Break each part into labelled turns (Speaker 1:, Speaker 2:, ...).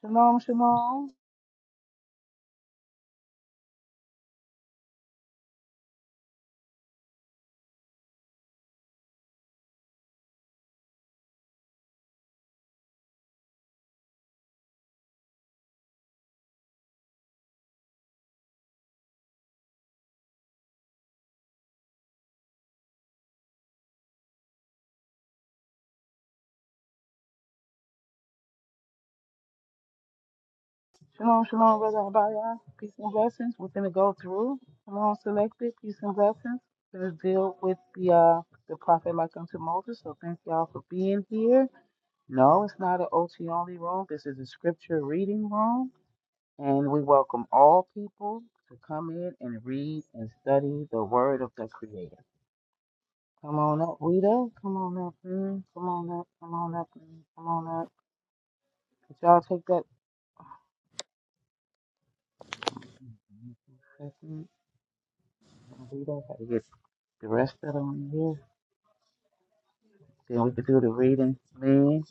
Speaker 1: Shalom, shalom. Shalom, shalom, Brother Abaya. Peace and blessings. We're going to go through. Shalom selected. Peace and blessings. We're going to deal with the, uh, the prophet like unto Moses. So thank y'all for being here. No, it's not an OT only room. This is a scripture reading room. And we welcome all people to come in and read and study the word of the Creator. Come on up, Rita. Come on up, man. Come on up. Come on up, man. Come on up. Could y'all take that? We Don't do that. Gotta get the rest of them on here. Then we can do the reading. Man,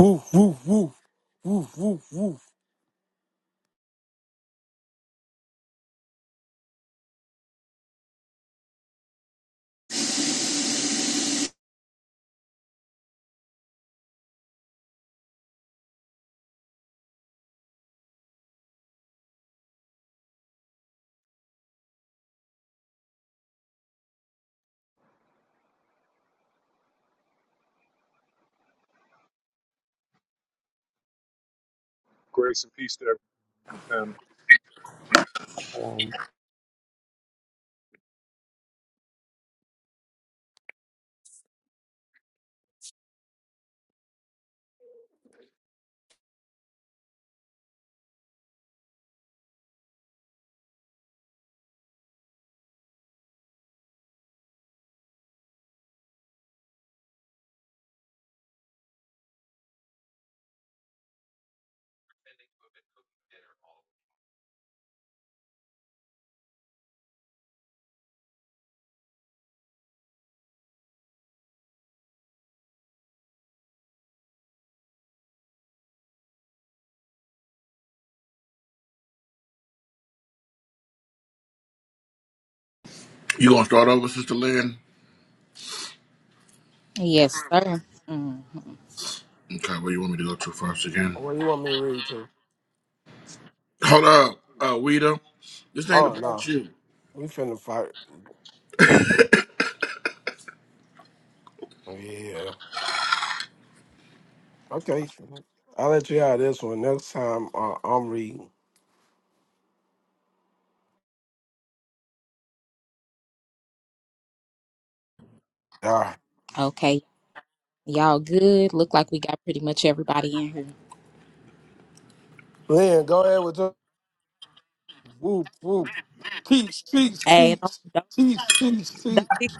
Speaker 2: Woof, woof, woof, woof, woof, woof.
Speaker 3: Grace and peace to everyone on the panel.
Speaker 4: Um,
Speaker 5: Tending to have been cooking dinner all day.
Speaker 6: You gonna start over, Sister Lynn?
Speaker 7: Yes, sir. hmm
Speaker 6: Okay, where you want me to go to first again?
Speaker 2: What do you want me to read to?
Speaker 6: Hold up, uh, Weeda. This ain't
Speaker 2: Oh,
Speaker 6: about
Speaker 2: no.
Speaker 6: you.
Speaker 2: We finna fight. Oh, Yeah. Okay. I'll let you out of this one. Next time, uh, I'm reading. All right.
Speaker 7: Okay, y'all good. Look like we got pretty much everybody in here.
Speaker 2: Lynn, go ahead with your woof, woof. Teach, teach,
Speaker 7: Hey,
Speaker 2: teach.
Speaker 7: don't don't
Speaker 2: Teach, teach, teach.
Speaker 7: don't be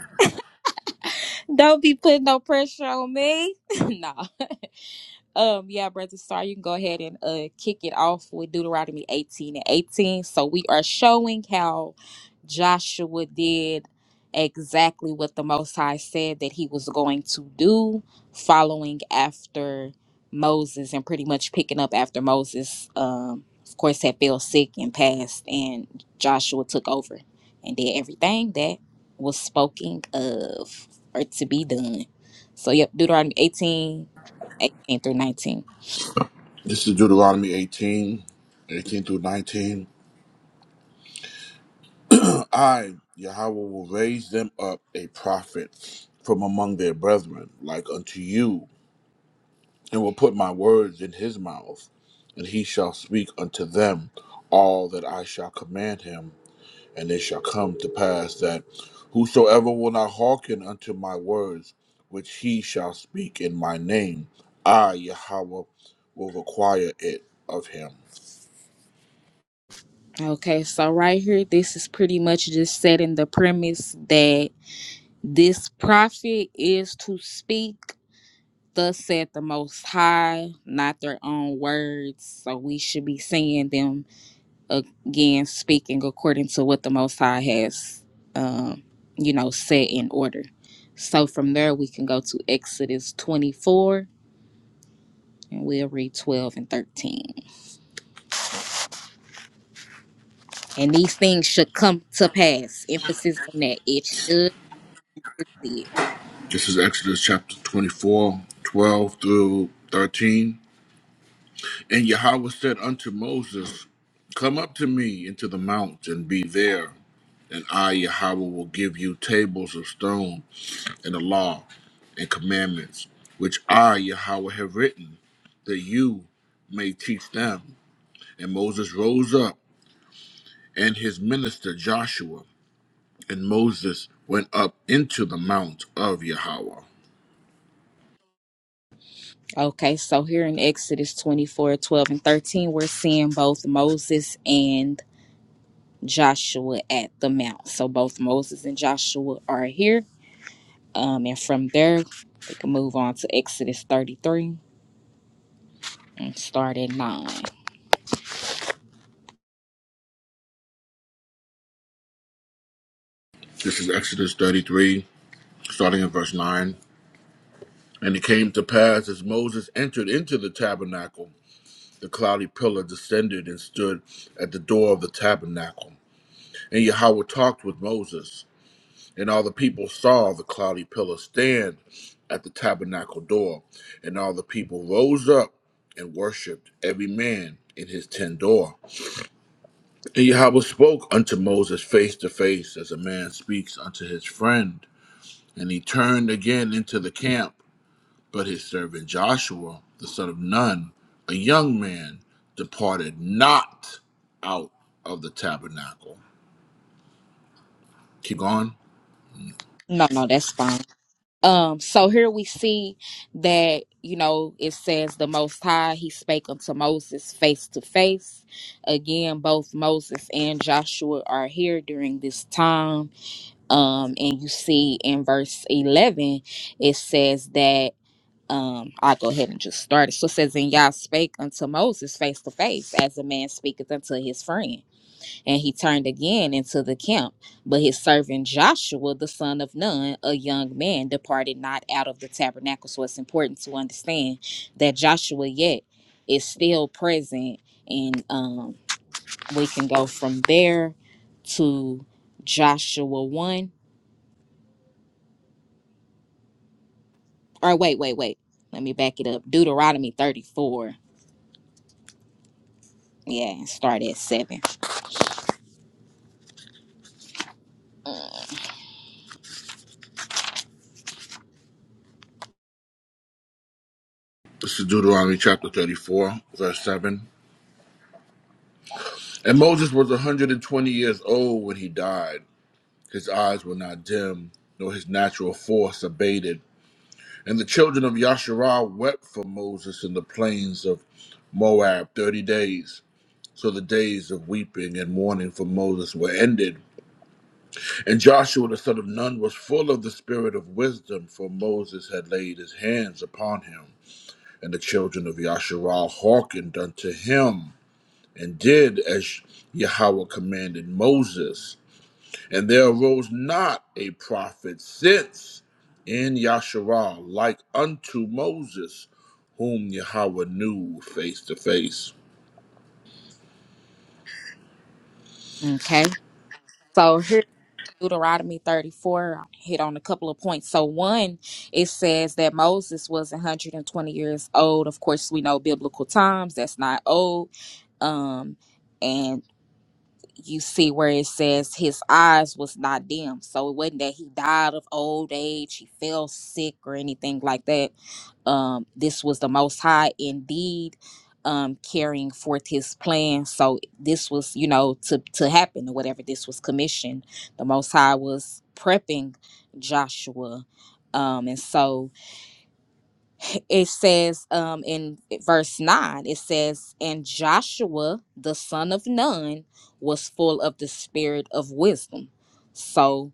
Speaker 7: don't be putting no pressure on me. no. Um, yeah, Brother Star, you can go ahead and uh kick it off with Deuteronomy 18 and 18. So we are showing how Joshua did exactly what the Most High said that he was going to do, following after Moses and pretty much picking up after Moses, um, of course, had fell sick and passed, and Joshua took over and did everything that was spoken of or to be done. So, yep, Deuteronomy 18 18 through 19.
Speaker 6: This is Deuteronomy 18, 18 through 19. I, Yahweh, will raise them up a prophet from among their brethren, like unto you, and will put my words in his mouth, and he shall speak unto them all that I shall command him. And it shall come to pass that whosoever will not hearken unto my words, which he shall speak in my name, I, Yahweh, will require it of him.
Speaker 7: Okay, so right here, this is pretty much just setting the premise that this prophet is to speak, thus said the Most High, not their own words. So we should be seeing them again speaking according to what the Most High has, um, you know, set in order. So from there, we can go to Exodus 24 and we'll read 12 and 13. And these things should come to pass. Emphasis on that. It should succeed.
Speaker 6: This is Exodus chapter 24, 12 through 13. And Yahweh said unto Moses, Come up to me into the mount and be there, and I, Yahweh, will give you tables of stone and a law. and commandments which I, Yahweh, have written, that you may teach them. And Moses rose up, and his minister Joshua, and Moses went up into the mount of Yahweh.
Speaker 7: Okay, so here in Exodus 24, 12 and 13, we're seeing both Moses and Joshua at the mount. So both Moses and Joshua are here. Um, and from there, we can move on to Exodus 33 and start at 9.
Speaker 6: This is Exodus 33, starting in verse 9. And it came to pass as Moses entered into the tabernacle, the cloudy pillar descended and stood at the door of the tabernacle. And Yahweh talked with Moses. And all the people saw the cloudy pillar stand at the tabernacle door. And all the people rose up and worshipped every man in his tent door. And Yahweh spoke unto Moses face to face, as a man speaks unto his friend. And he turned again into the camp. But his servant Joshua, the son of Nun, a young man, departed not out of the tabernacle. Keep going.
Speaker 7: No, no, that's fine. Um, so here we see that, you know, it says the Most High, he spake unto Moses face to face. Again, both Moses and Joshua are here during this time. Um, and you see in verse 11, it says that. Um, I'll go ahead and just start it. So it says, And Yah spake unto Moses face to face, as a man speaketh unto his friend. And he turned again into the camp. But his servant Joshua, the son of Nun, a young man, departed not out of the tabernacle. So it's important to understand that Joshua yet is still present. And um, we can go from there to Joshua 1. Or wait, wait, wait. Let me back it up. Deuteronomy 34. Yeah, start at 7.
Speaker 6: This is Deuteronomy chapter 34, verse 7. And Moses was 120 years old when he died. His eyes were not dim, nor his natural force abated. And the children of Yasharah wept for Moses in the plains of Moab 30 days. So the days of weeping and mourning for Moses were ended. And Joshua the son of Nun was full of the spirit of wisdom, for Moses had laid his hands upon him. And the children of Yasharah hearkened unto him, and did as Yahweh commanded Moses. And there arose not a prophet since in Yasharal like unto Moses, whom Yahweh knew face to face.
Speaker 7: Okay. So here Deuteronomy 34 hit on a couple of points. So, one, it says that Moses was 120 years old. Of course, we know biblical times, that's not old. Um, and you see where it says his eyes was not dim. So, it wasn't that he died of old age, he fell sick, or anything like that um, this was the most high indeed um, carrying forth his plan so this was you know to, to happen or whatever this was commissioned the most high was prepping joshua um, and so it says um, in verse 9 it says and joshua the son of nun was full of the spirit of wisdom so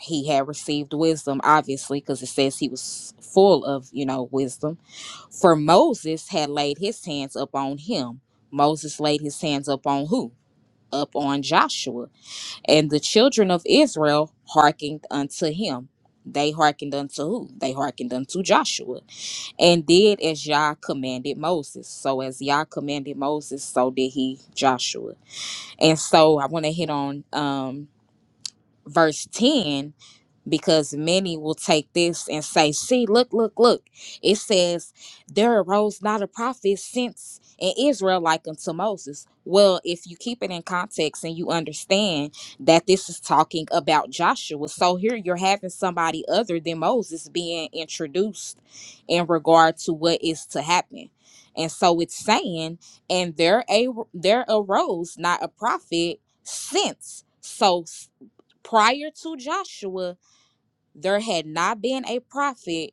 Speaker 7: he had received wisdom obviously because it says he was full of you know wisdom for Moses had laid his hands upon him. Moses laid his hands upon who? Up on Joshua. And the children of Israel hearkened unto him. They hearkened unto who? They hearkened unto Joshua. And did as Yah commanded Moses. So as Yah commanded Moses, so did he Joshua. And so I want to hit on um verse 10 because many will take this and say, see, look, look, look. It says, there arose not a prophet since in Israel like unto Moses. Well, if you keep it in context and you understand that this is talking about Joshua, so here you're having somebody other than Moses being introduced in regard to what is to happen. And so it's saying, and there a there arose not a prophet since. So s- prior to Joshua, there had not been a prophet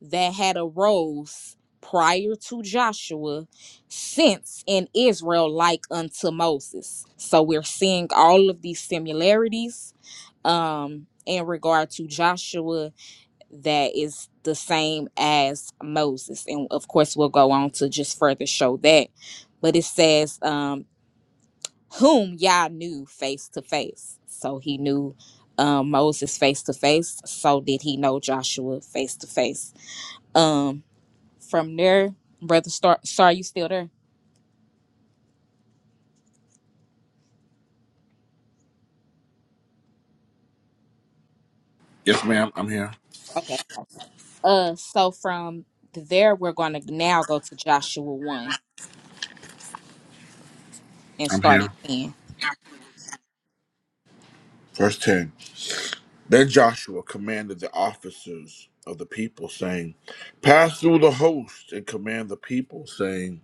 Speaker 7: that had arose prior to Joshua since in Israel like unto Moses. So we're seeing all of these similarities um in regard to Joshua that is the same as Moses. And of course we'll go on to just further show that. But it says um whom Yah knew face to face. So he knew um, Moses face to face. So did he know Joshua face to face? Um, from there, brother, Star, sorry, you still there?
Speaker 6: Yes, ma'am, I'm here.
Speaker 7: Okay. Uh, so from there, we're gonna now go to Joshua one and
Speaker 6: I'm
Speaker 7: start at
Speaker 6: here.
Speaker 7: ten.
Speaker 6: Verse 10 Then Joshua commanded the officers of the people, saying, Pass through the host and command the people, saying,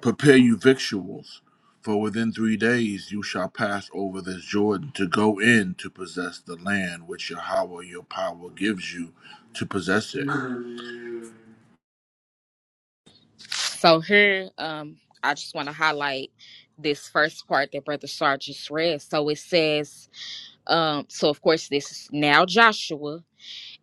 Speaker 6: Prepare you victuals, for within three days you shall pass over this Jordan to go in to possess the land which Yahweh your power gives you to possess it.
Speaker 7: So here, um, I just want to highlight this first part that brother Sar just read. So it says, um, so of course this is now Joshua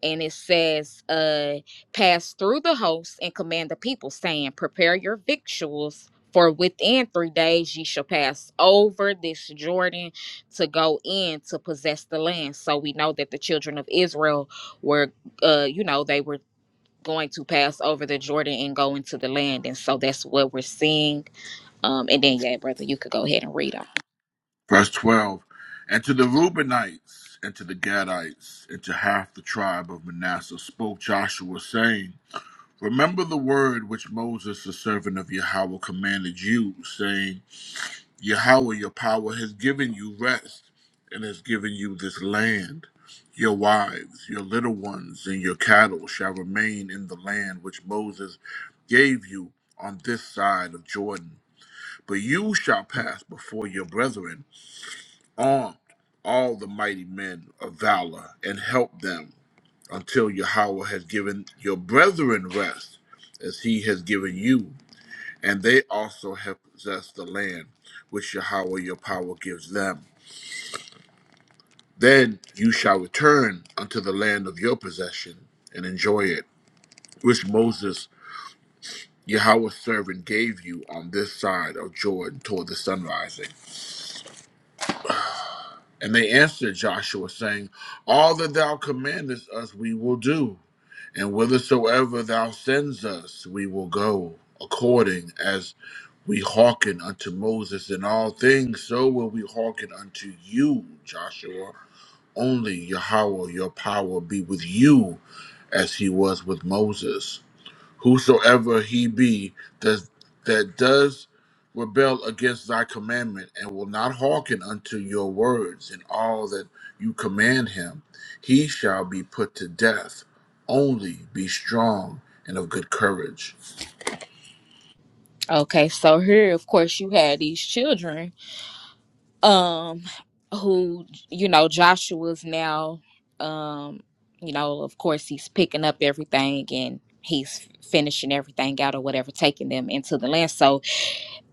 Speaker 7: and it says, uh, pass through the host and command the people, saying, Prepare your victuals, for within three days ye shall pass over this Jordan to go in to possess the land. So we know that the children of Israel were, uh, you know, they were going to pass over the Jordan and go into the land. And so that's what we're seeing. Um, and then, yeah, brother, you could go ahead and read on.
Speaker 6: Verse 12 And to the Reubenites, and to the Gadites, and to half the tribe of Manasseh spoke Joshua, saying, Remember the word which Moses, the servant of Yahweh, commanded you, saying, Yahweh, your power, has given you rest and has given you this land. Your wives, your little ones, and your cattle shall remain in the land which Moses gave you on this side of Jordan. But you shall pass before your brethren, armed, all the mighty men of valor, and help them until Yahweh has given your brethren rest as he has given you and they also have possessed the land which Yahweh your power gives them. Then you shall return unto the land of your possession and enjoy it, which Moses, Yahweh's servant, gave you on this side of Jordan toward the sun rising. And they answered Joshua, saying, All that thou commandest us we will do, and whithersoever thou sends us we will go, according as We hearken unto Moses in all things, so will we hearken unto you, Joshua. Only Yahweh, your power, be with you as he was with Moses. Whosoever he be that, that does rebel against thy commandment and will not hearken unto your words in all that you command him, he shall be put to death. Only be strong and of good courage.
Speaker 7: Okay, so here, of course, you had these children um who you know joshua's now um you know of course he's picking up everything and he's finishing everything out or whatever taking them into the land so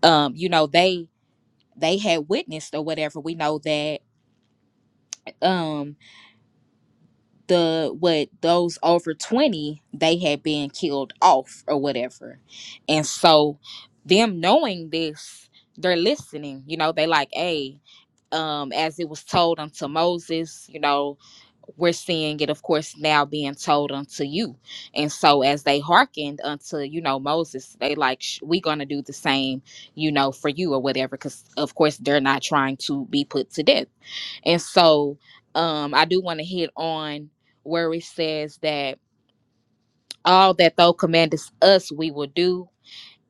Speaker 7: um you know they they had witnessed or whatever we know that Um. the what those over 20 they had been killed off or whatever and so them knowing this they're listening you know they like hey um as it was told unto moses you know we're seeing it of course now being told unto you and so as they hearkened unto you know moses they like "Sh- we gonna do the same you know for you or whatever because of course they're not trying to be put to death and so um, I do want to hit on where it says that all that thou commandest us, we will do,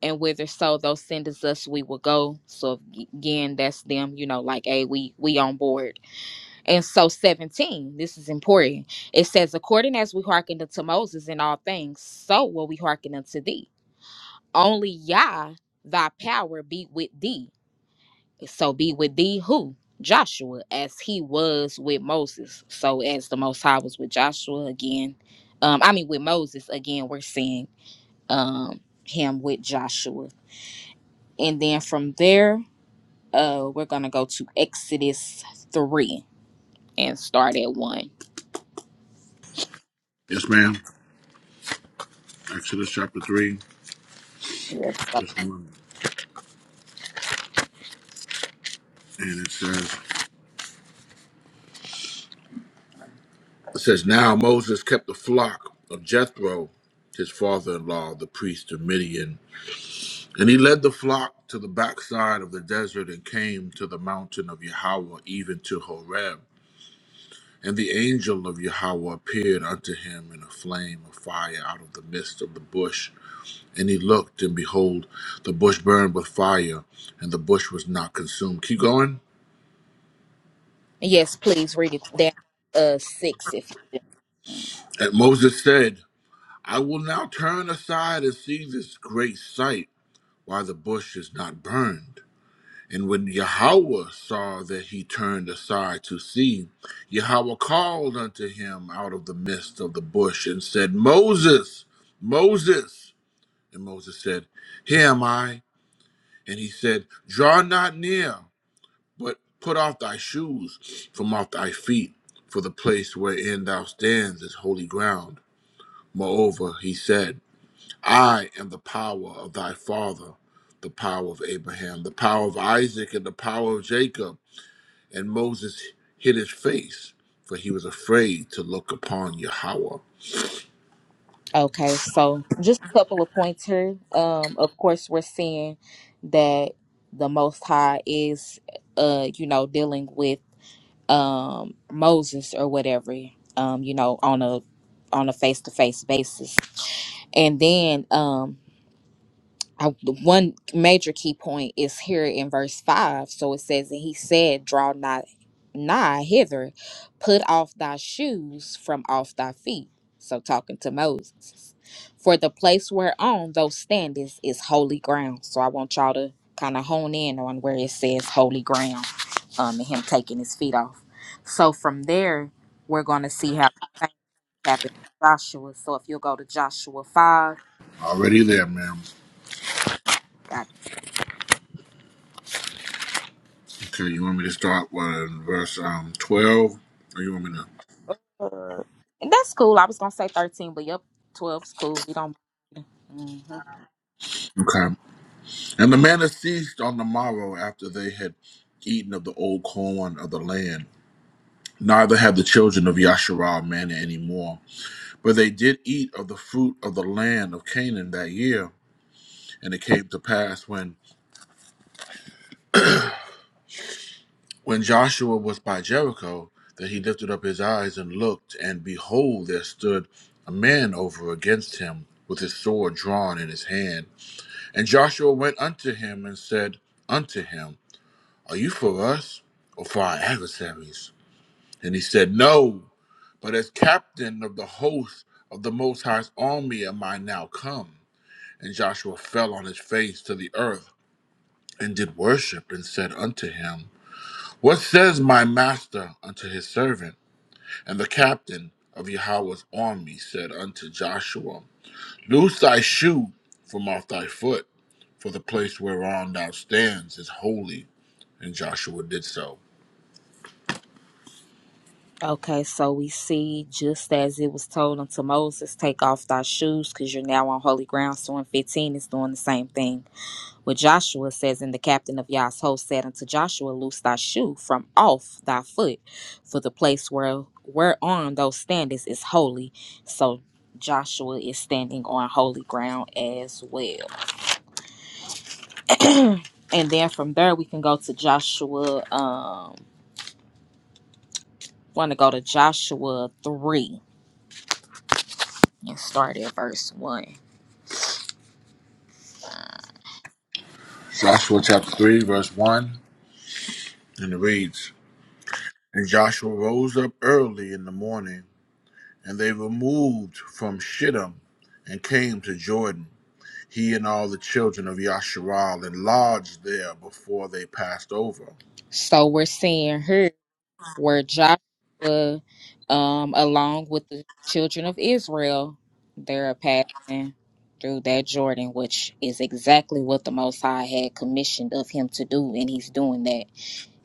Speaker 7: and whither so thou sendest us, we will go. So again, that's them, you know, like, hey, we we on board. And so 17, this is important. It says, according as we hearkened unto Moses in all things, so will we hearken unto thee. Only Yah, thy power be with thee So be with thee who? Joshua, as he was with Moses. So as the Most High was with Joshua again, um, I mean with Moses again, we're seeing um him with Joshua. And then from there, uh, we're gonna go to Exodus three and start at one.
Speaker 6: Yes, ma'am. Exodus chapter 3,
Speaker 7: Yes, So-
Speaker 6: verse 1. And it says, it says, Now Moses kept the flock of Jethro, his father in law, the priest of Midian. And he led the flock to the backside of the desert and came to the mountain of Yahweh, even to Horeb. And the angel of Yahweh appeared unto him in a flame of fire out of the midst of the bush. And he looked, and behold, the bush burned with fire, and the bush was not consumed. Keep going.
Speaker 7: yes please read it down uh six if you do.
Speaker 6: And Moses said, I will now turn aside and see this great sight why the bush is not burned. And when Yahweh saw that he turned aside to see, Yahweh called unto him out of the midst of the bush and said, Moses, Moses. And Moses said, Here am I. And he said, Draw not near, but put off thy shoes from off thy feet, for the place wherein thou standest is holy ground. Moreover, he said, I am the power of thy father, the power of Abraham, the power of Isaac, and the power of Jacob. And Moses hid his face, for he was afraid to look upon Yahweh.
Speaker 7: Okay, so just a couple of points here. Um, of course, we're seeing that the Most High is, uh, you know, dealing with um Moses or whatever, um, you know, on a on a face to face basis, and then um I, the one major key point is here in verse 5 so it says and he said draw not nigh hither put off thy shoes from off thy feet so talking to moses for the place whereon thou standest is holy ground so i want y'all to kind of hone in on where it says holy ground um and him taking his feet off so from there we're going to see how things happen joshua so if you'll go to joshua 5
Speaker 6: Already there, ma'am. Okay, you want me to start with verse um twelve? Or you want me to
Speaker 7: Uh, and that's cool. I was gonna say thirteen, but yep, twelve's cool. We don't. Mhm.
Speaker 6: Okay. And the manna ceased on the morrow after they had eaten of the old corn of the land. Neither had the children of Yasharal manna any more, but they did eat of the fruit of the land of Canaan that year. And it came to pass when when Joshua was by Jericho that he lifted up his eyes and looked, and behold, there stood a man over against him with his sword drawn in his hand. And Joshua went unto him and said unto him, Are you for us or for our adversaries? And he said, No, but as captain of the host of the Most High's army am I now come. And Joshua fell on his face to the earth and did worship and said unto him. What says my master unto his servant? And the captain of Yahweh's army said unto Joshua, Loose thy shoe from off thy foot, for the place whereon thou stands is holy. And Joshua did so.
Speaker 7: Okay, so we see just as it was told unto Moses, take off thy shoes, because you're now on holy ground. So in 15, it's doing the same thing. What Joshua it says, and the captain of Yah's host said unto Joshua, loose thy shoe from off thy foot, for the place where whereon thou standest is holy. So Joshua is standing on holy ground as well. and then from there we can go to Joshua. Um, want to go to Joshua three and start at verse one.
Speaker 6: Joshua chapter 3, verse 1, and it reads, And Joshua rose up early in the morning, and they removed from Shittim and came to Jordan, he and all the children of Yasharal, and lodged there before they passed over.
Speaker 7: So we're seeing here where Joshua, um, along with the children of Israel, they're passing through that Jordan, which is exactly what the Most High had commissioned of him to do, and he's doing that.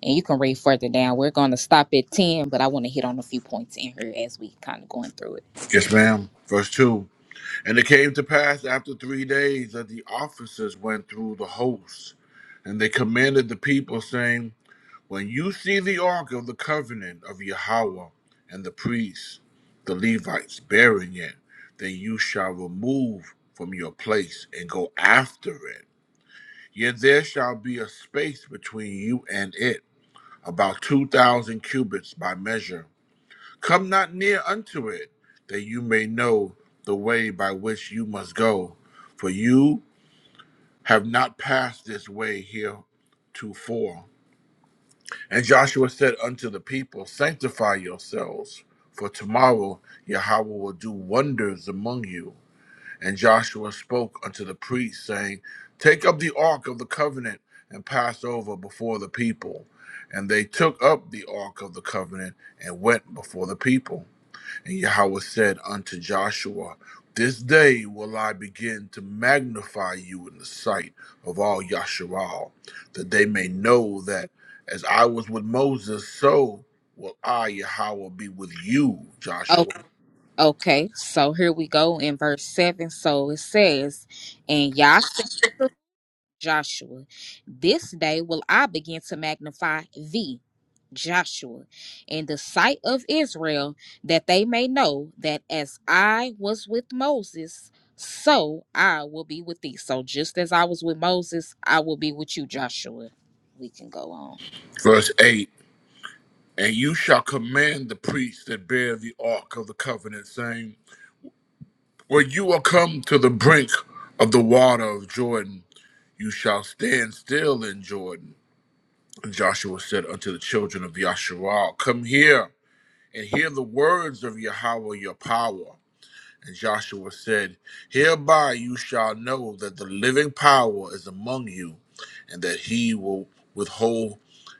Speaker 7: And you can read further down. We're going to stop at ten, but I want to hit on a few points in here as we kind of going through
Speaker 6: Yes, ma'am. Verse 2 And it came to pass after three days that the officers went through the host, and they commanded the people, saying, When you see the ark of the covenant of Yahweh and the priests, the Levites, bearing it, then you shall remove from your place and go after it. Yet there shall be a space between you and it, about 2,000 cubits by measure Come not near unto it, that you may know the way by which you must go. For you have not passed this way heretofore. And Joshua said unto the people, Sanctify yourselves, for tomorrow Yahweh will do wonders among you. And Joshua spoke unto the priests, saying, Take up the ark of the covenant and pass over before the people. And they took up the ark of the covenant and went before the people. And Yahweh said unto Joshua, This day will I begin to magnify you in the sight of all Yasharal, that they may know that as I was with Moses, so will I, Yahweh, be with you,
Speaker 7: it.
Speaker 6: Joshua.
Speaker 7: Okay, so here we go in verse 7. So it says, And Yah said to Joshua, This day will I begin to magnify thee, Joshua, in the sight of Israel, that they may know that as I was with Moses, so I will be with thee. So just as I was with Moses, I will be with you, Joshua. We can go on.
Speaker 6: Verse 8 And you shall command the priests that bear the ark of the covenant, saying, When you are come to the brink of the water of Jordan, you shall stand still in Jordan Joshua said unto the children of Yasharal, Come here and hear the words of Yahweh your power. And Joshua said, Hereby you shall know that the living power is among you, and that he will withhold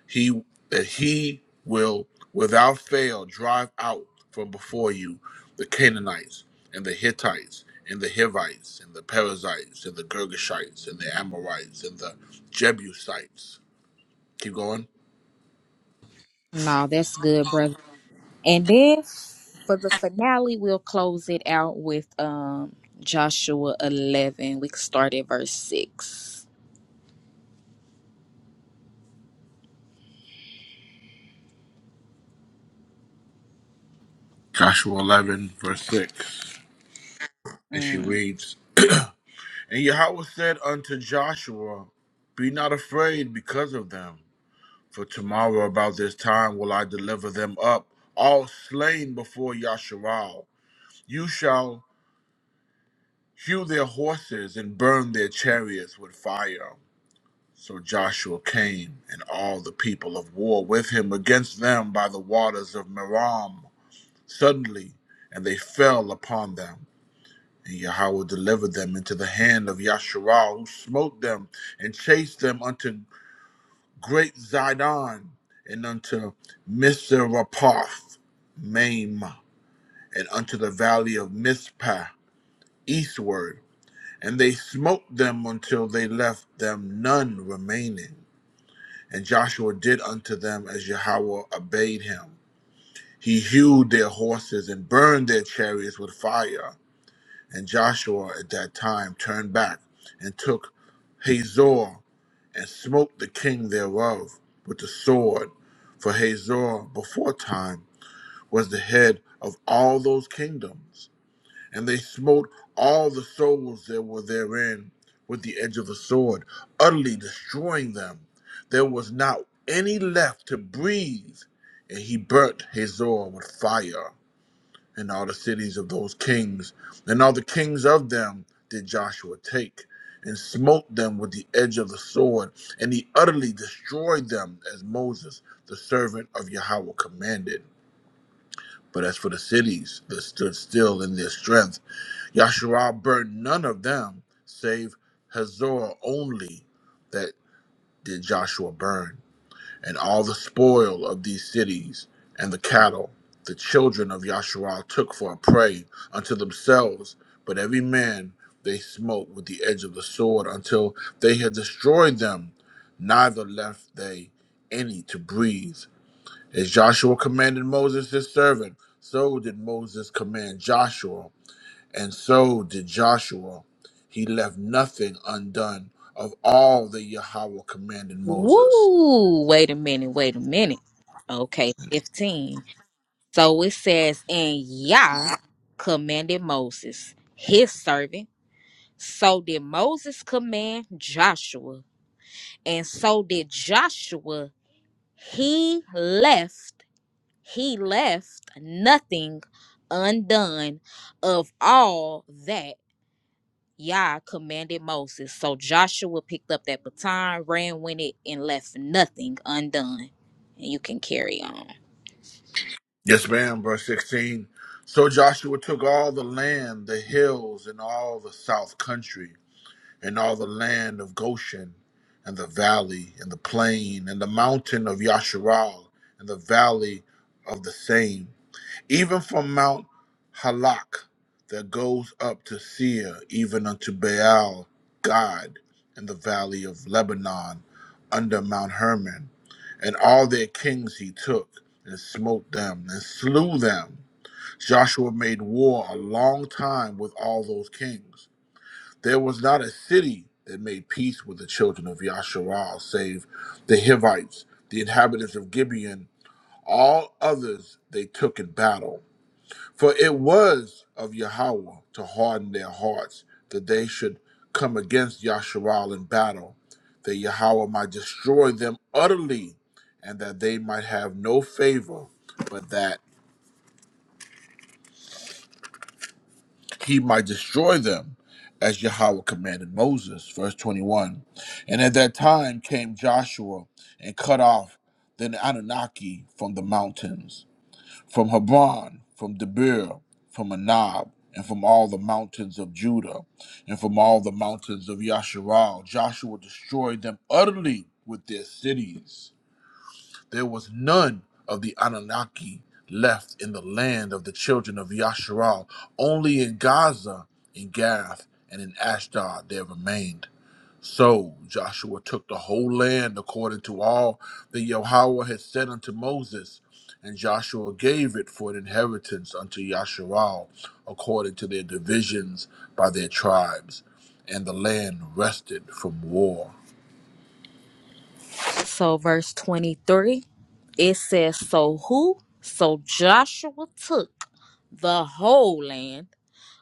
Speaker 6: he that he will without fail drive out from before you the Canaanites and the Hittites and the Hivites and the Perizzites and the Girgashites and the Amorites and the Jebusites. Keep going
Speaker 7: No, that's good, brother. And then for the finale, we'll close it out with um Joshua 11. We can start at verse 6.
Speaker 6: Joshua 11, verse 6. And she
Speaker 7: Mm.
Speaker 6: reads And Yahweh said unto Joshua, Be not afraid because of them, for tomorrow about this time will I deliver them up, all slain before Yasharal. You shall hew their horses and burn their chariots with fire. So Joshua came, and all the people of war with him against them by the waters of Merom, suddenly, and they fell upon them. And Yahweh delivered them into the hand of Yasharal, who smote them and chased them unto great Zidon and unto Misrapoth, Maim, and unto the valley of Mizpah, eastward. And they smote them until they left them none remaining. And Joshua did unto them as Yahweh obeyed him. He hewed their horses and burned their chariots with fire. And Joshua at that time turned back and took Hazor and smote the king thereof with the sword. For Hazor before time was the head of all those kingdoms. And they smote all the souls that were therein with the edge of the sword, utterly destroying them. There was not any left to breathe. And he burnt Hazor with fire and all the cities of those kings, and all the kings of them did Joshua take, and smote them with the edge of the sword, and he utterly destroyed them as Moses, the servant of Yahweh, commanded. But as for the cities that stood still in their strength, Yahshua burnt none of them, save Hazor only, that did Joshua burn and all the spoil of these cities and the cattle the children of Yasharal took for a prey unto themselves, but every man they smote with the edge of the sword until they had destroyed them, neither left they any to breathe. As Joshua commanded Moses his servant, so did Moses command Joshua, and so did Joshua. He left nothing undone of all that Yahweh commanded Moses.
Speaker 7: Woo! Wait a minute, wait a minute. Okay, 15. So it says, And Yah commanded Moses, his servant. So did Moses command Joshua, and so did Joshua. He left He left nothing undone of all that Yah commanded Moses. So Joshua picked up that baton, ran with it, and left nothing undone. And you can carry on.
Speaker 6: Yes, ma'am, verse 16. So Joshua took all the land, the hills, and all the south country, and all the land of Goshen, and the valley, and the plain, and the mountain of Yasharal, and the valley of the same, even from Mount Halak that goes up to Seir, even unto Baal, God, in the valley of Lebanon, under Mount Hermon. And all their kings he took, and smote them, and slew them. Joshua made war a long time with all those kings. There was not a city that made peace with the children of Yasharal, save the Hivites, the inhabitants of Gibeon. All others they took in battle for it was of Yahweh to harden their hearts, that they should come against Yasharal in battle, that Yahweh might destroy them utterly, and that they might have no favor, but that he might destroy them, as Yahweh commanded Moses. Verse 21. And at that time came Joshua and cut off the Anunnaki from the mountains from Hebron, from Debir, from Anab, and from all the mountains of Judah, and from all the mountains of Yasharal. Joshua destroyed them utterly with their cities. There was none of the Anunnaki left in the land of the children of Yasharal. Only in Gaza, in Gath, and in Ashdod there remained. So Joshua took the whole land according to all that Yahweh had said unto Moses, and Joshua gave it for an inheritance unto Yasharal, according to their divisions by their tribes, and the land rested from war.
Speaker 7: So, verse 23, it says, So who? So Joshua took the whole land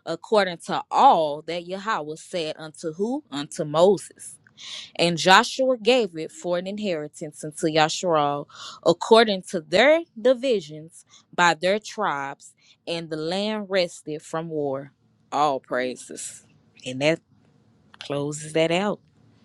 Speaker 7: according to all that Yahweh said unto who? Unto Moses. And Joshua gave it for an inheritance unto Yasharal, according to their divisions by their tribes, and the land rested from war. All praises. And that closes that out.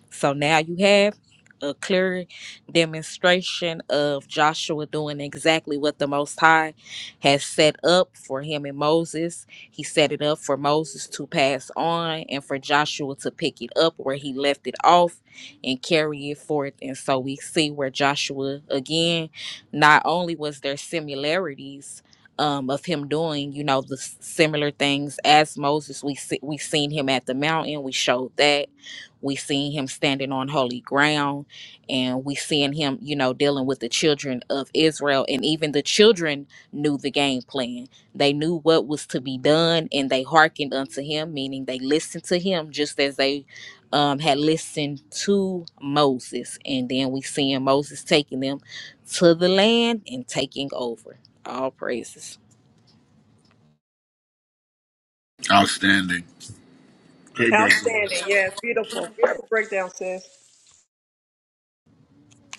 Speaker 7: So now you have a clear demonstration of Joshua doing exactly what the Most High has set up for him and Moses. He set it up for Moses to pass on and for Joshua to pick it up where he left it off and carry it forth. And so we see where Joshua, again, not only was there similarities. Um, of him doing, you know, the s- similar things as Moses. We see, we seen him at the mountain. We showed that we seeing him standing on holy ground and we seeing him you know dealing with the children of israel and even the children knew the game plan they knew what was to be done and they hearkened unto him meaning they listened to him just as they um, had listened to moses and then we seeing moses taking them to the land and taking over all praises
Speaker 6: Outstanding. Great background.
Speaker 8: Outstanding. Yeah, beautiful. Beautiful breakdown, sis.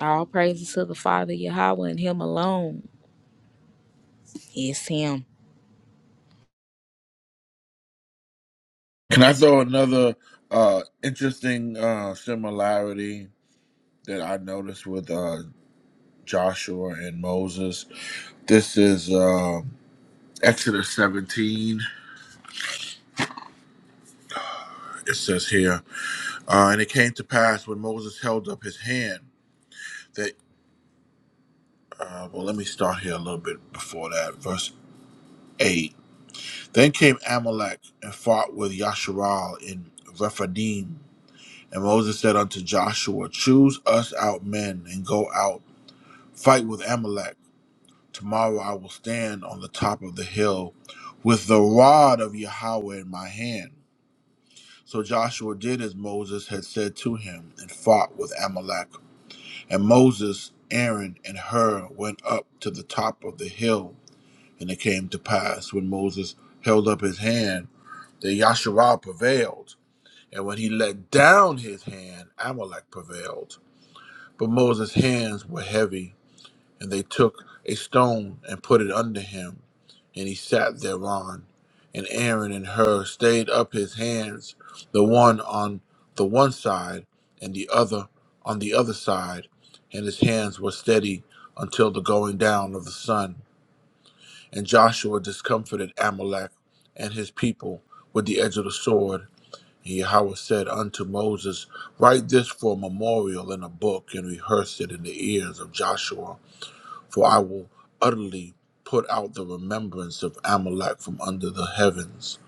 Speaker 7: all praises to the father yahweh and him alone it's him
Speaker 6: Can I throw another uh, interesting uh, similarity that I noticed with uh, Joshua and Moses? This is uh, Exodus 17. it says here, uh, and it came to pass when Moses held up his hand that, uh, well, let me start here a little bit before that. Verse 8. Then came Amalek and fought with Yasharal in Rephidim. And Moses said unto Joshua, Choose us out men and go out, fight with Amalek. Tomorrow I will stand on the top of the hill with the rod of Yahweh in my hand. So Joshua did as Moses had said to him and fought with Amalek And Moses, Aaron, and Hur went up to the top of the hill. And it came to pass when Moses held up his hand that Yasharal prevailed. And when he let down his hand, Amalek prevailed. But Moses' hands were heavy. And they took a stone and put it under him, and he sat thereon. And Aaron and Hur stayed up his hands, the one on the one side, and the other on the other side, and his hands were steady until the going down of the sun. And Joshua discomfited Amalek and his people with the edge of the sword. And Yahweh said unto Moses, Write this for a memorial in a book, and rehearse it in the ears of Joshua for I will utterly put out the remembrance of Amalek from under the heavens.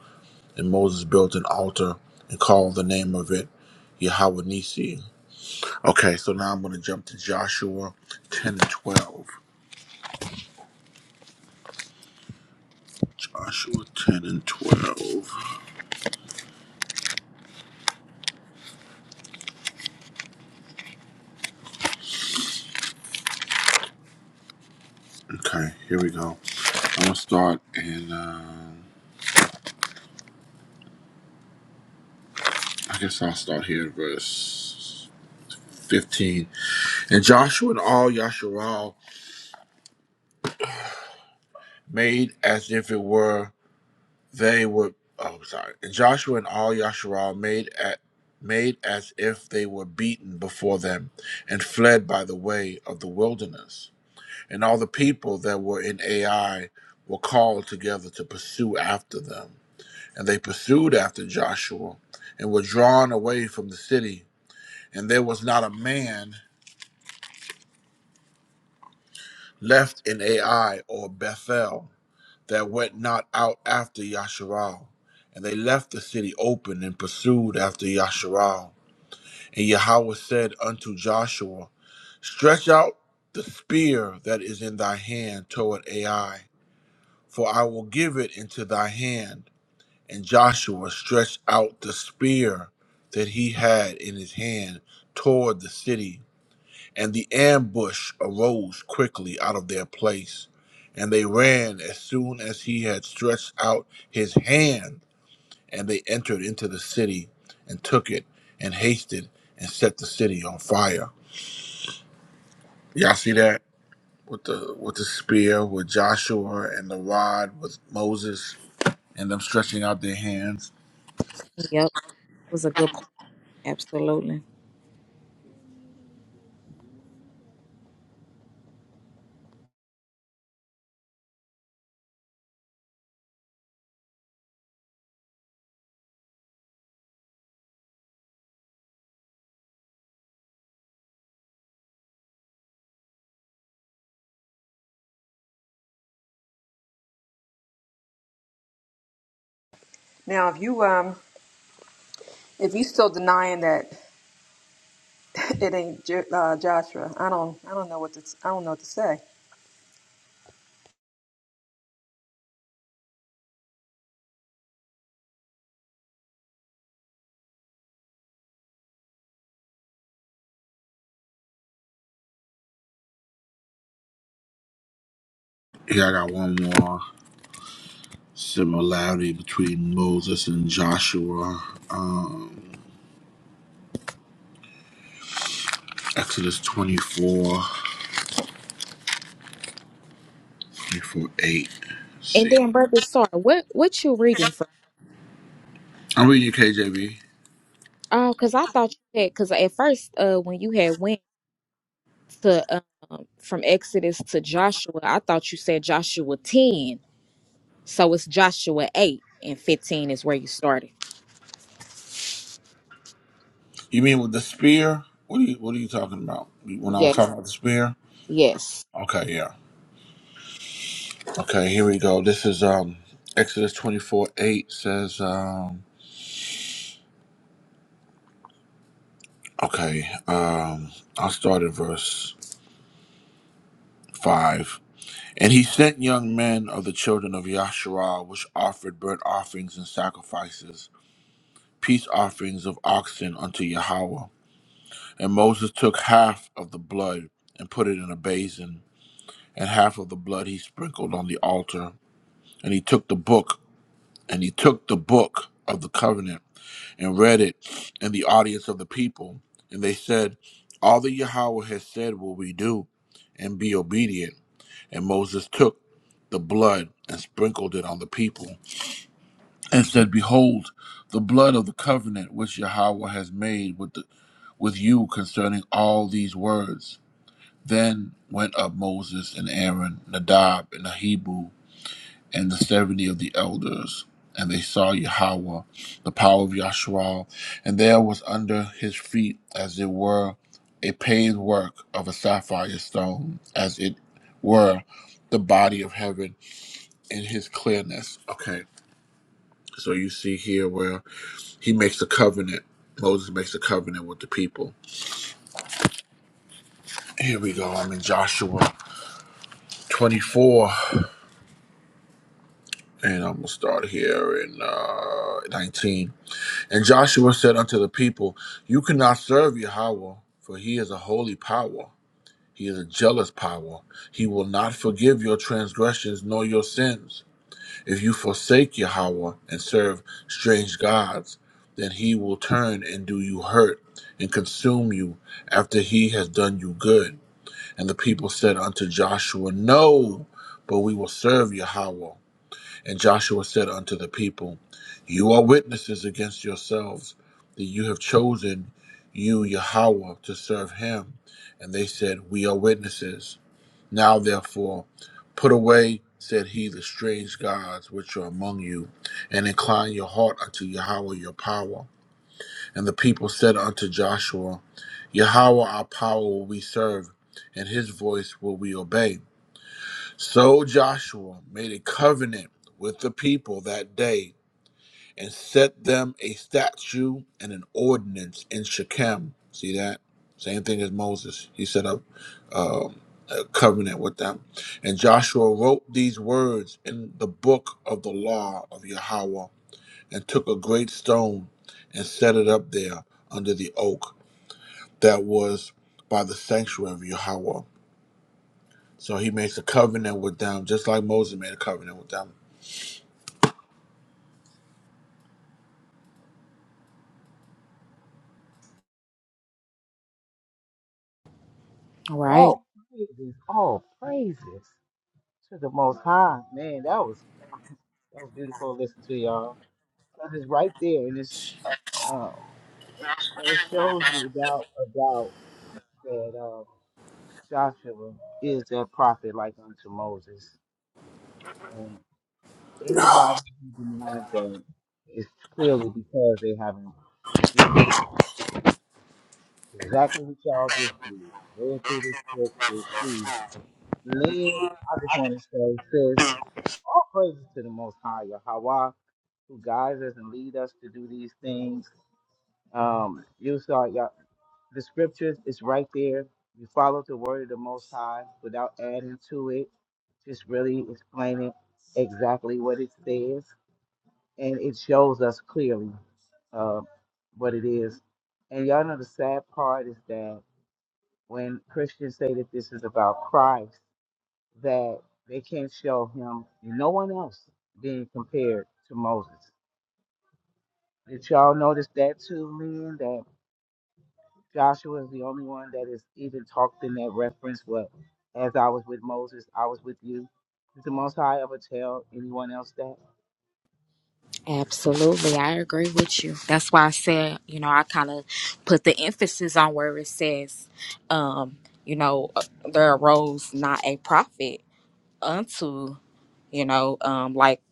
Speaker 6: And Moses built an altar and called the name of it Yahweh Nissi. Okay, so now I'm going to jump to Joshua 10 and 12. Joshua 10 and 12. Okay, here we go. I'm going to start in, um I guess I'll start here at verse 15. And Joshua and all Yasharal made as if it were. They were oh sorry. And Joshua and all Yasharal made at made as if they were beaten before them, and fled by the way of the wilderness. And all the people that were in Ai were called together to pursue after them. And they pursued after Joshua, and were drawn away from the city. And there was not a man left in Ai or Bethel that went not out after Yasharal. And they left the city open and pursued after Yasharal. And Yahweh said unto Joshua, Stretch out the spear that is in thy hand toward Ai, for I will give it into thy hand. And Joshua stretched out the spear that he had in his hand toward the city and the ambush arose quickly out of their place, and they ran as soon as he had stretched out his hand. And they entered into the city and took it and hasted and set the city on fire. Y'all see that with the with the spear with Joshua and the rod with Moses and them stretching out their hands.
Speaker 7: yep it was a good point absolutely
Speaker 8: Now, if you um, if you still denying that it ain't J- uh, Joshua, I don't, I don't know what to, I don't know what to say.
Speaker 6: Here I got one more similarity between Moses and Joshua. Um, Exodus 24. April 8. Let's
Speaker 7: And
Speaker 6: see.
Speaker 7: then, brother, sorry, what what you reading from?
Speaker 6: I'm reading you, KJV.
Speaker 7: Oh, because I thought you had because at first, uh, when you had went to um from Exodus to Joshua, I thought you said Joshua ten, so it's Joshua eight and fifteen is where you started.
Speaker 6: You mean with the spear? What are you What are you talking about? When I was
Speaker 7: Yeah.
Speaker 6: talking about the spear?
Speaker 7: Yes.
Speaker 6: Okay, yeah. Okay, here we go. This is um Exodus 24 8 says, um, okay, um, I'll start in verse 5. And he sent young men of the children of Yasharah, which offered burnt offerings and sacrifices, peace offerings of oxen unto Yahweh. And Moses took half of the blood and put it in a basin and half of the blood he sprinkled on the altar. And he took the book, and he took the book of the covenant and read it in the audience of the people. And they said, All that Yahweh has said will we do and be obedient. And Moses took the blood and sprinkled it on the people and said, Behold, the blood of the covenant which Yahweh has made with, the, with you concerning all these words. Then went up Moses and Aaron, Nadab and Abihu and the seventy of the elders. And they saw Yahweh, the power of Yahshua, and there was under his feet, as it were, a paved work of a sapphire stone, as it were, the body of heaven in his clearness. Okay, so you see here where he makes a covenant. Moses makes a covenant with the people. Here we go. I'm in Joshua 24, and I'm gonna start here in uh, 19. And Joshua said unto the people, You cannot serve Yahweh, for he is a holy power. He is a jealous power. He will not forgive your transgressions nor your sins. If you forsake Yahweh and serve strange gods, then he will turn and do you hurt and consume you after he has done you good. And the people said unto Joshua, No, but we will serve Yahweh. And Joshua said unto the people, You are witnesses against yourselves that you have chosen you, Yahweh, to serve him. And they said, We are witnesses. Now therefore, put away, said he, the strange gods which are among you, and incline your heart unto Yahweh your power. And the people said unto Joshua, Yahweh our power will we serve, and his voice will we obey. So Joshua made a covenant with the people that day and set them a statute and an ordinance in Shechem. See that? Same thing as Moses. He set up um, a covenant with them. And Joshua wrote these words in the book of the law of Yahweh and took a great stone and set it up there under the oak that was by the sanctuary of Yahweh. So he makes a covenant with them, just like Moses made a covenant with them
Speaker 7: Right.
Speaker 1: all praises, all praises to the Most High. Man, that was that was beautiful to listen to, y'all. Because it's right there, and it's uh, and it shows you about about that uh, Joshua is that prophet like unto Moses, and anybody who denies that is clearly because they haven't did exactly what y'all just did. Read through this book to
Speaker 6: That's
Speaker 1: see
Speaker 6: true.
Speaker 1: Man, I just want to say, sis, all praises to the Most High Yahweh, who guides us and lead us to do these things. Um, you saw yeah, the scriptures is right there. You follow the word of the Most High without adding to it, just really explaining exactly what it says, and it shows us clearly uh, what it is. And y'all know the sad part is that when Christians say that this is about Christ. that they can't show him and no one else being compared to Moses. Did y'all notice that too, man? That Joshua is the only one that is even talked in that reference. What, as I was with Moses, I was with you. Did the Most High ever tell anyone else that?
Speaker 7: Absolutely. I agree with you. That's why I said, you know, I kind of put the emphasis on where it says, um, you know, uh, there arose not a prophet unto you know, um, like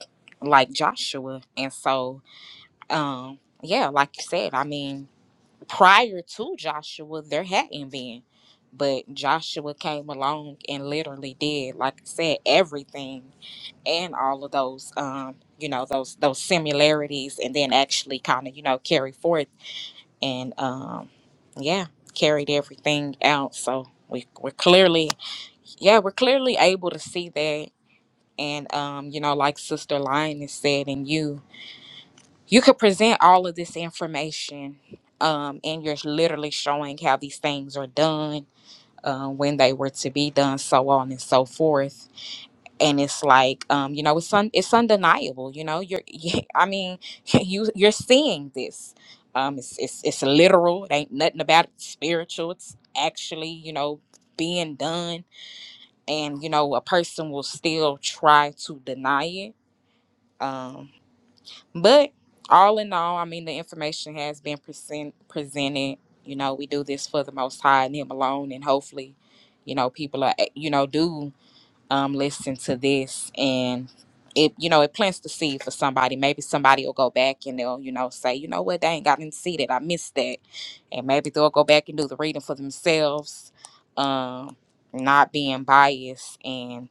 Speaker 7: like Joshua. And so, um, yeah, like you said, I mean, prior to Joshua, there hadn't been, but Joshua came along and literally did, like I said, everything and all of those, um, you know, those those similarities, and then actually kind of, you know, carry forth and, um, yeah, carried everything out. So we we're clearly, yeah, we're clearly able to see that and um, you know, like Sister Lioness said, and you you could present all of this information, um, and you're literally showing how these things are done, uh, when they were to be done, so on and so forth. And it's like, um, you know, it's un- it's undeniable. You know, you're, I mean, you you're seeing this. Um, it's, it's it's literal. It ain't nothing about it spiritual. It's actually, you know, being done, and you know, a person will still try to deny it. Um, But all in all, I mean, the information has been present, presented. You know, we do this for the Most High and Him alone, and hopefully, you know, people are you know do um listen to this and. It you know it plants the seed for somebody. Maybe somebody will go back and they'll you know say you know what they ain't gotten to see that I missed that, and maybe they'll go back and do the reading for themselves, um, not being biased and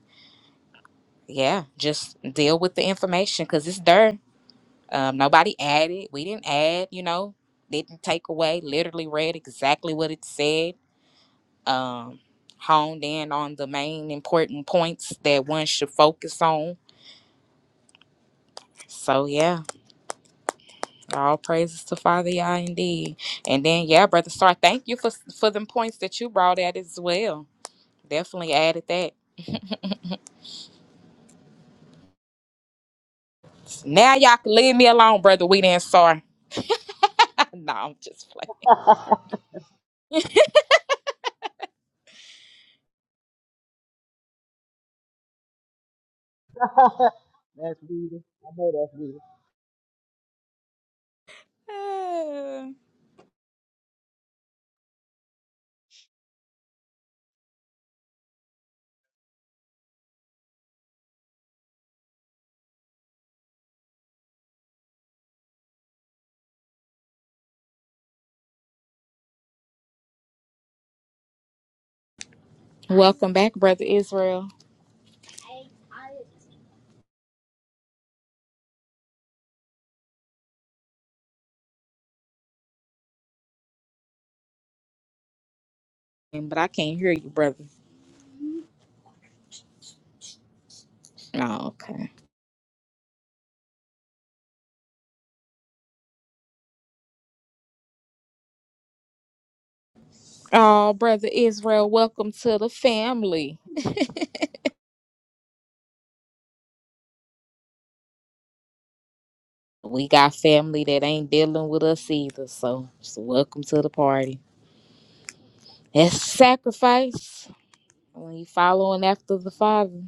Speaker 7: yeah, just deal with the information because it's there um, nobody added. We didn't add, you know, didn't take away. Literally read exactly what it said. Um, honed in on the main important points that one should focus on. So yeah, all praises to Father Yah indeed. And then yeah, Brother Star, thank you for for them points that you brought out as well. Definitely added that. Now y'all can leave me alone, Brother Weed and Star. no, I'm just playing.
Speaker 1: that's reading. I know that's reading.
Speaker 7: Welcome back, Brother Israel. But I can't hear you, brother. Oh, okay. Oh, brother Israel, welcome to the family. We got family that ain't dealing with us either, so just welcome to the party. That's sacrifice when you following after the Father.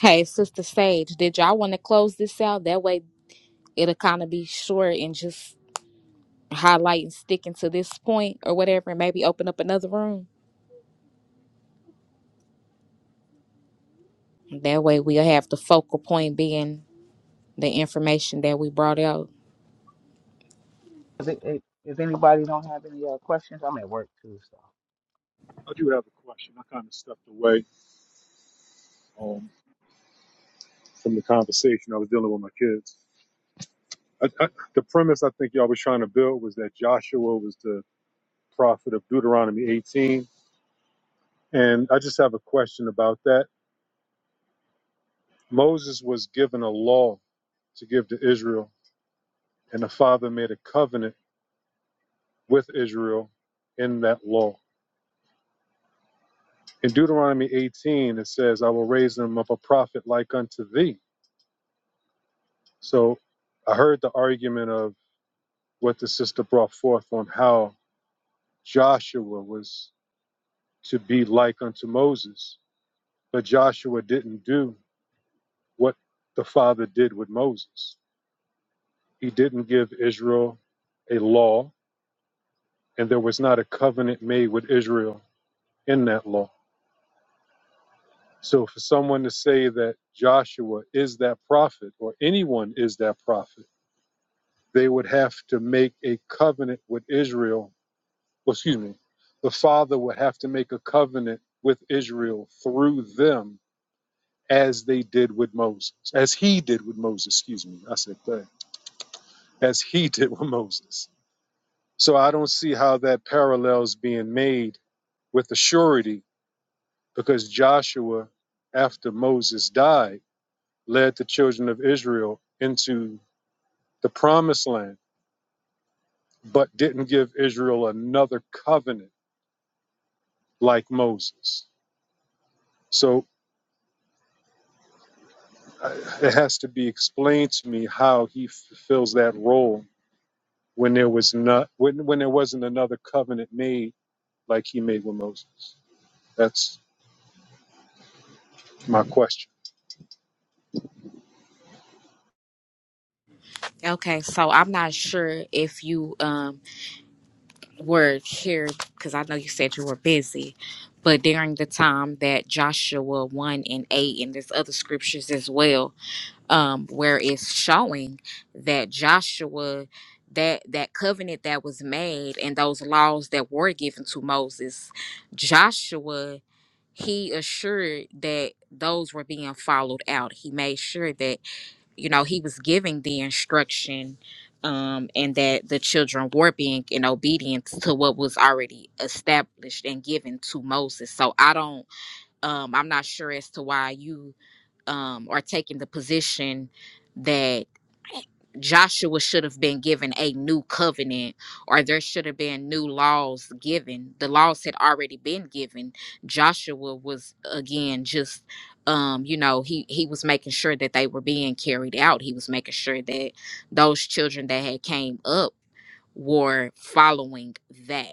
Speaker 7: Hey, Sister Sage, did y'all want to close this out? That way it'll kind of be short and just highlight and sticking to this point or whatever, and maybe open up another room. That way we'll have the focal point being the information that we brought out.
Speaker 1: Is it- it- If anybody don't have any uh, questions, I'm at work too, so
Speaker 3: I do have a question. I kind of stepped away um, from the conversation. I was dealing with my kids. I, I, the premise I think y'all was trying to build was that Joshua was the prophet of Deuteronomy 18. And I just have a question about that. Moses was given a law to give to Israel, and the Father made a covenant with Israel in that law. In Deuteronomy 18, it says, I will raise them up a prophet like unto thee. So I heard the argument of what the sister brought forth on how Joshua was to be like unto Moses. But Joshua didn't do what the father did with Moses. He didn't give Israel a law, and there was not a covenant made with Israel in that law. So for someone to say that Joshua is that prophet or anyone is that prophet, they would have to make a covenant with Israel well, excuse me, the Father would have to make a covenant with Israel through them as they did with Moses, as he did with Moses, excuse me. I said that, as he did with Moses. So I don't see how that parallel's being made with the surety because Joshua, after Moses died, led the children of Israel into the promised land, but didn't give Israel another covenant like Moses. So uh, it has to be explained to me how he fulfills that role when there was not when when there wasn't another covenant made like he made with Moses. That's my question.
Speaker 7: Okay, so I'm not sure if you um were here because I know you said you were busy, but during the time that Joshua one and eight and there's other scriptures as well, um, where it's showing that Joshua that that covenant that was made and those laws that were given to Moses, Joshua he assured that those were being followed out. He made sure that you know he was giving the instruction um and that the children were being in obedience to what was already established and given to moses so i don't um i'm not sure as to why you um, are taking the position that Joshua should have been given a new covenant or there should have been new laws given. The laws had already been given. Joshua was again just um you know he he was making sure that they were being carried out. He was making sure that those children that had came up were following that.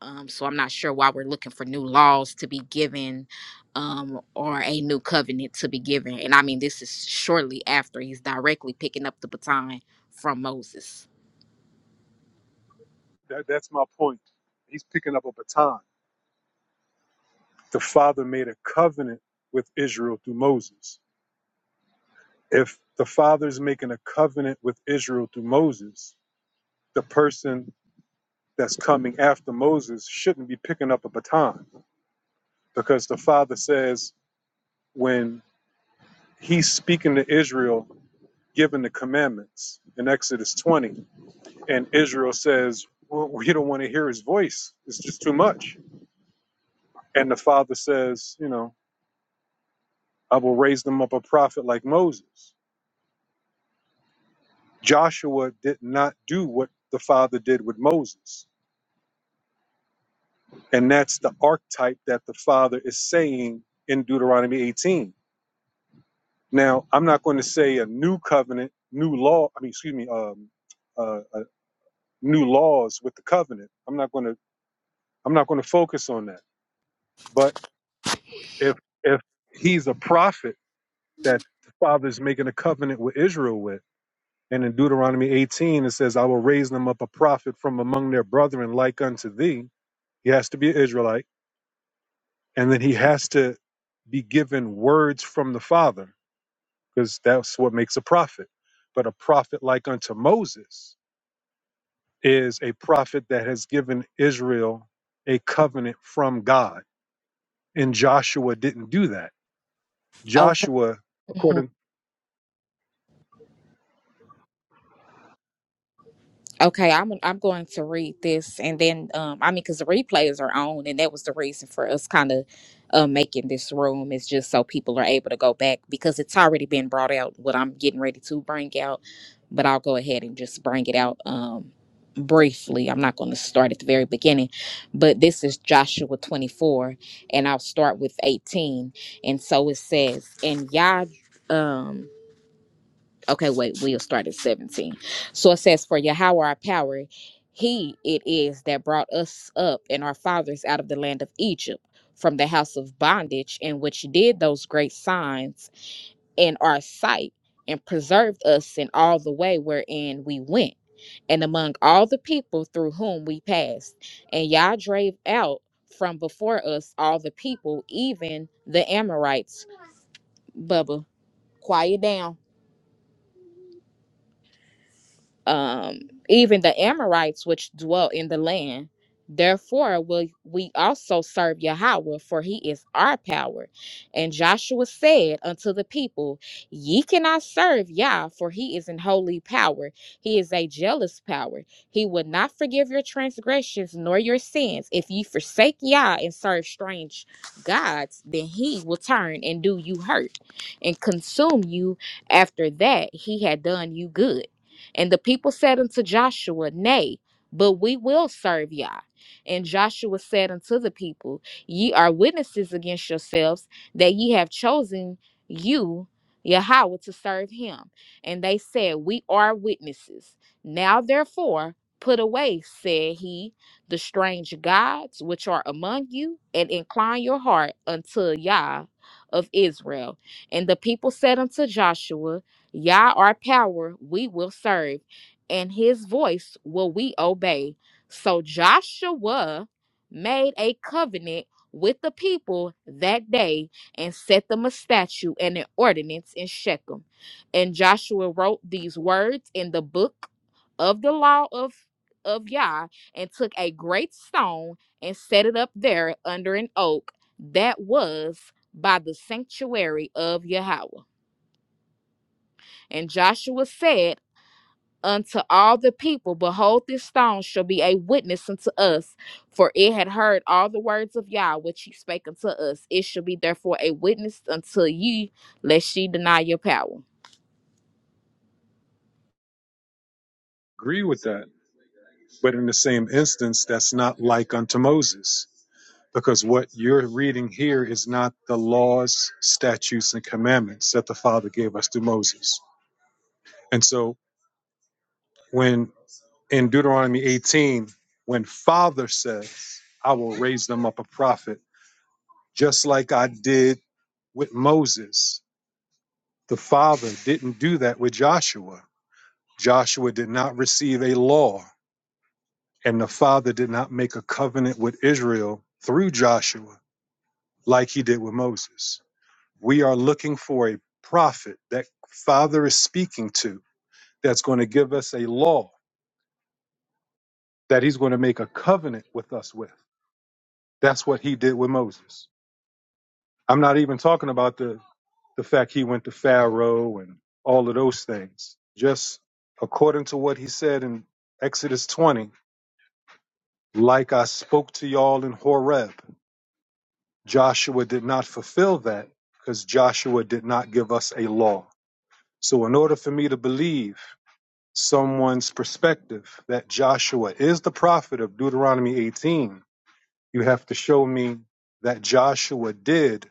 Speaker 7: Um, so I'm not sure why we're looking for new laws to be given um, or a new covenant to be given. And I mean, this is shortly after he's directly picking up the baton from Moses.
Speaker 3: That, that's my point. He's picking up a baton. The Father made a covenant with Israel through Moses. If the Father's making a covenant with Israel through Moses, the person that's coming after Moses shouldn't be picking up a baton because the Father says when he's speaking to Israel given the commandments in Exodus 20. And Israel says, well, We don't want to hear his voice. It's just too much. And the father says, You know, I will raise them up a prophet like Moses. Joshua did not do what the father did with Moses. And that's the archetype that the father is saying in Deuteronomy 18. Now, I'm not going to say a new covenant, new law, I mean, excuse me, um, uh, uh, new laws with the covenant. I'm not going to. I'm not going to focus on that but if if he's a prophet that the father is making a covenant with Israel with. And in Deuteronomy 18 it says, I will raise them up a prophet from among their brethren like unto thee. He has to be an Israelite. And then he has to be given words from the Father, because that's what makes a prophet. But a prophet like unto Moses is a prophet that has given Israel a covenant from God. And Joshua didn't do that.
Speaker 7: Okay.
Speaker 3: Joshua,
Speaker 7: Mhm.
Speaker 3: according
Speaker 7: Okay, I'm I'm going to read this, and then um, I mean, because the replays are on, and that was the reason for us kind of uh, making this room is just so people are able to go back because it's already been brought out what I'm getting ready to bring out, but I'll go ahead and just bring it out um, briefly. I'm not going to start at the very beginning, but this is Joshua 24, and I'll start with 18, and so it says, and Yah. Um, Okay, wait, we'll start at 17. So it says, For Yahweh our power, he it is that brought us up and our fathers out of the land of Egypt, from the house of bondage, in which did those great signs in our sight, and preserved us in all the way wherein we went, and among all the people through whom we passed. And Yah drave out from before us all the people, even the Amorites. Bubba, quiet down. um, even the Amorites which dwell in the land. Therefore will we also serve Yahweh, for he is our power. And Joshua said unto the people, Ye cannot serve Yah, for he is an holy power. He is a jealous power. He will not forgive your transgressions nor your sins. If ye forsake Yah and serve strange gods, then he will turn and do you hurt and consume you after that he had done you good. And the people said unto Joshua, Nay, but we will serve Yah. And Joshua said unto the people, Ye are witnesses against yourselves that ye have chosen you, Yahweh, to serve him. And they said, We are witnesses. Now therefore, put away, said he, the strange gods which are among you, and incline your heart unto Yah of Israel. And the people said unto Joshua, Yah our power we will serve, and his voice will we obey. So Joshua made a covenant with the people that day and set them a statute and an ordinance in Shechem. And Joshua wrote these words in the book of the law of of Yah and took a great stone and set it up there under an oak that was by the sanctuary of Yahweh. And Joshua said, unto all the people, behold, this stone shall be a witness unto us, for it had heard all the words of Yah which he spake unto us. It shall be therefore a witness unto ye, lest ye deny your power.
Speaker 3: agree with that But in the same instance, that's not like unto Moses, because what you're reading here is not the laws, statutes, and commandments that the Father gave us through Moses. And so when in Deuteronomy 18, when Father says, I will raise them up a prophet, just like I did with Moses, the Father didn't do that with Joshua. Joshua did not receive a law, and the Father did not make a covenant with Israel through Joshua like he did with Moses. We are looking for a prophet that Father is speaking to that's going to give us a law that he's going to make a covenant with us with. That's what he did with Moses. I'm not even talking about the, the fact he went to Pharaoh and all of those things. Just according to what he said in Exodus 20, like I spoke to y'all in Horeb, Joshua did not fulfill that because Joshua did not give us a law. So, in order for me to believe someone's perspective that Joshua is the prophet of Deuteronomy 18, you have to show me that Joshua did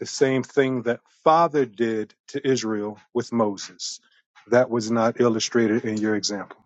Speaker 3: the same thing that Father did to Israel with Moses. That was not illustrated in your example.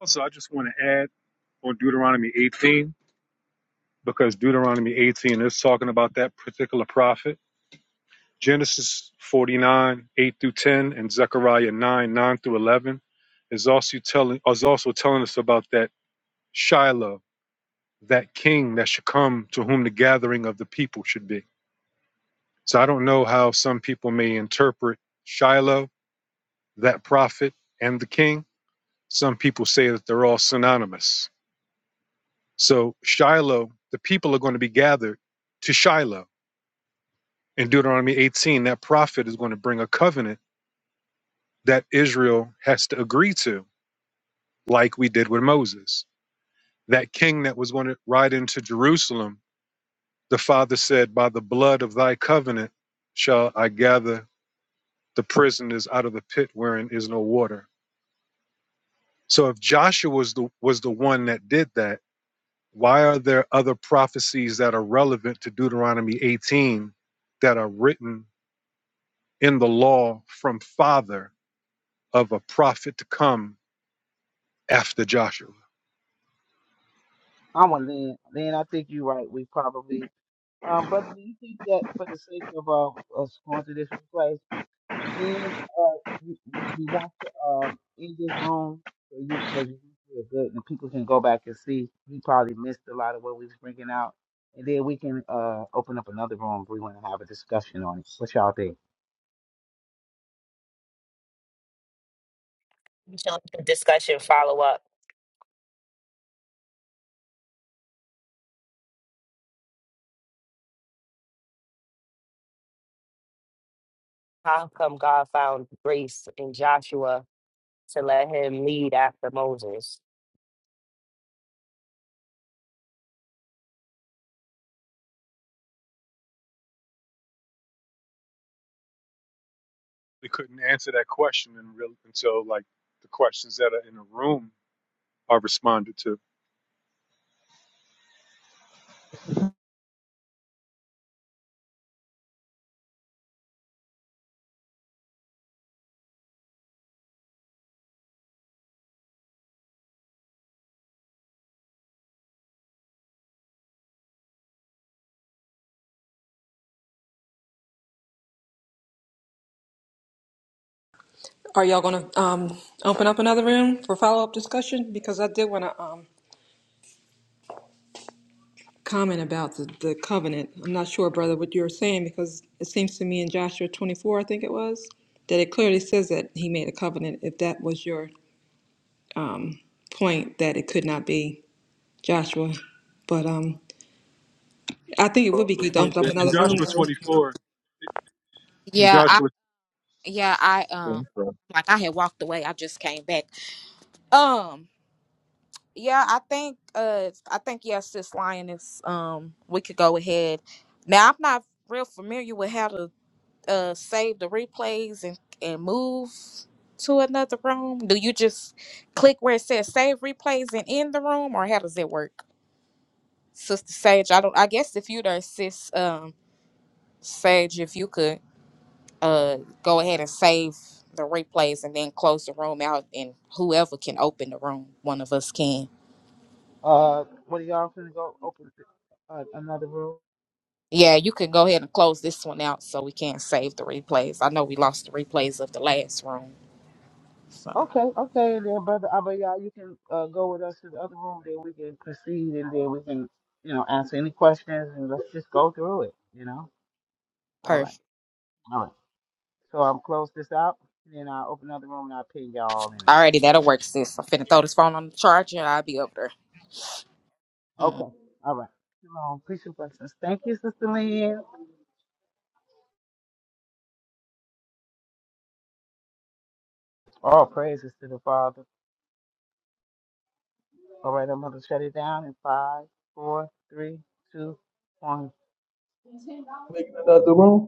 Speaker 3: Also, I just want to add on Deuteronomy 18, because Deuteronomy 18 is talking about that particular prophet. Genesis 49, 8 through 10, and Zechariah 9, 9 through 11 is also telling, is also telling us about that Shiloh, that king that should come to whom the gathering of the people should be. So I don't know how some people may interpret Shiloh, that prophet, and the king. Some people say that they're all synonymous. So Shiloh, the people are going to be gathered to Shiloh. In Deuteronomy 18, that prophet is going to bring a covenant that Israel has to agree to, like we did with Moses. That king that was going to ride into Jerusalem The father said, By the blood of thy covenant shall I gather the prisoners out of the pit wherein is no water. So if Joshua was the, was the one that did that, why are there other prophecies that are relevant to Deuteronomy 18 that are written in the law from father of a prophet to come after Joshua?
Speaker 1: I'm with Lynn. Lynn, I think you're right. We probably, um, brother, do you think that for the sake of uh, us going to this replay? We uh we, we we want to um in this room so you because you feel good and people can go back and see. We probably missed a lot of what we was bringing out, and then we can uh open up another room if we want to have a discussion on it. What y'all think?
Speaker 4: Shall the discussion follow up. How come God found grace in Joshua to let him lead after Moses?
Speaker 3: We couldn't answer that question in real, until like the questions that are in the room are responded to.
Speaker 8: Are y'all gonna um open up another room for follow up discussion? Because I did want to um comment about the, the covenant. I'm not sure, brother, what you were saying because it seems to me in Joshua 24, I think it was, that it clearly says that he made a covenant. If that was your um point, that it could not be Joshua, but um. I think it
Speaker 3: But
Speaker 8: would be
Speaker 3: the
Speaker 8: good to
Speaker 3: point
Speaker 8: open up
Speaker 3: that in
Speaker 8: another room.
Speaker 3: Joshua
Speaker 8: though.
Speaker 3: 24, And
Speaker 7: Yeah, I
Speaker 3: Joshua,
Speaker 7: yeah, I um like I had walked away. I just came back. Um yeah, I think uh I think yes, this lioness um we could go ahead. Now I'm not real familiar with how to uh save the replays and and move to another room? Do you just click where it says save replays and end the room, or how does it work, Sister Sage? I don't. I guess if you the assist, um, Sage, if you could uh go ahead and save the replays and then close the room out, and whoever can open the room, one of us can.
Speaker 1: Uh, what are y'all gonna go open uh, another room?
Speaker 7: Yeah, you can go ahead and close this one out so we can save the replays. I know we lost the replays of the last room, so
Speaker 1: Okay, okay, and then brother Abayah, you can uh, go with us to the other room. Then we can proceed, and then we can you know answer any questions, and let's just go through it. You know, all
Speaker 7: perfect.
Speaker 1: right, all right. So I'm close this out, and then I'll open another room and I'll pin y'all in.
Speaker 7: Alrighty, that'll work, sis. I'm finna throw this phone on the charger and I'll be over there. Mm.
Speaker 1: Okay. All right. Shalom. Peace and blessings. Thank you, Sister Lynn. All praises to the Father. All right, I'm going to shut it down in five, four, three, two, one.
Speaker 9: Making another room.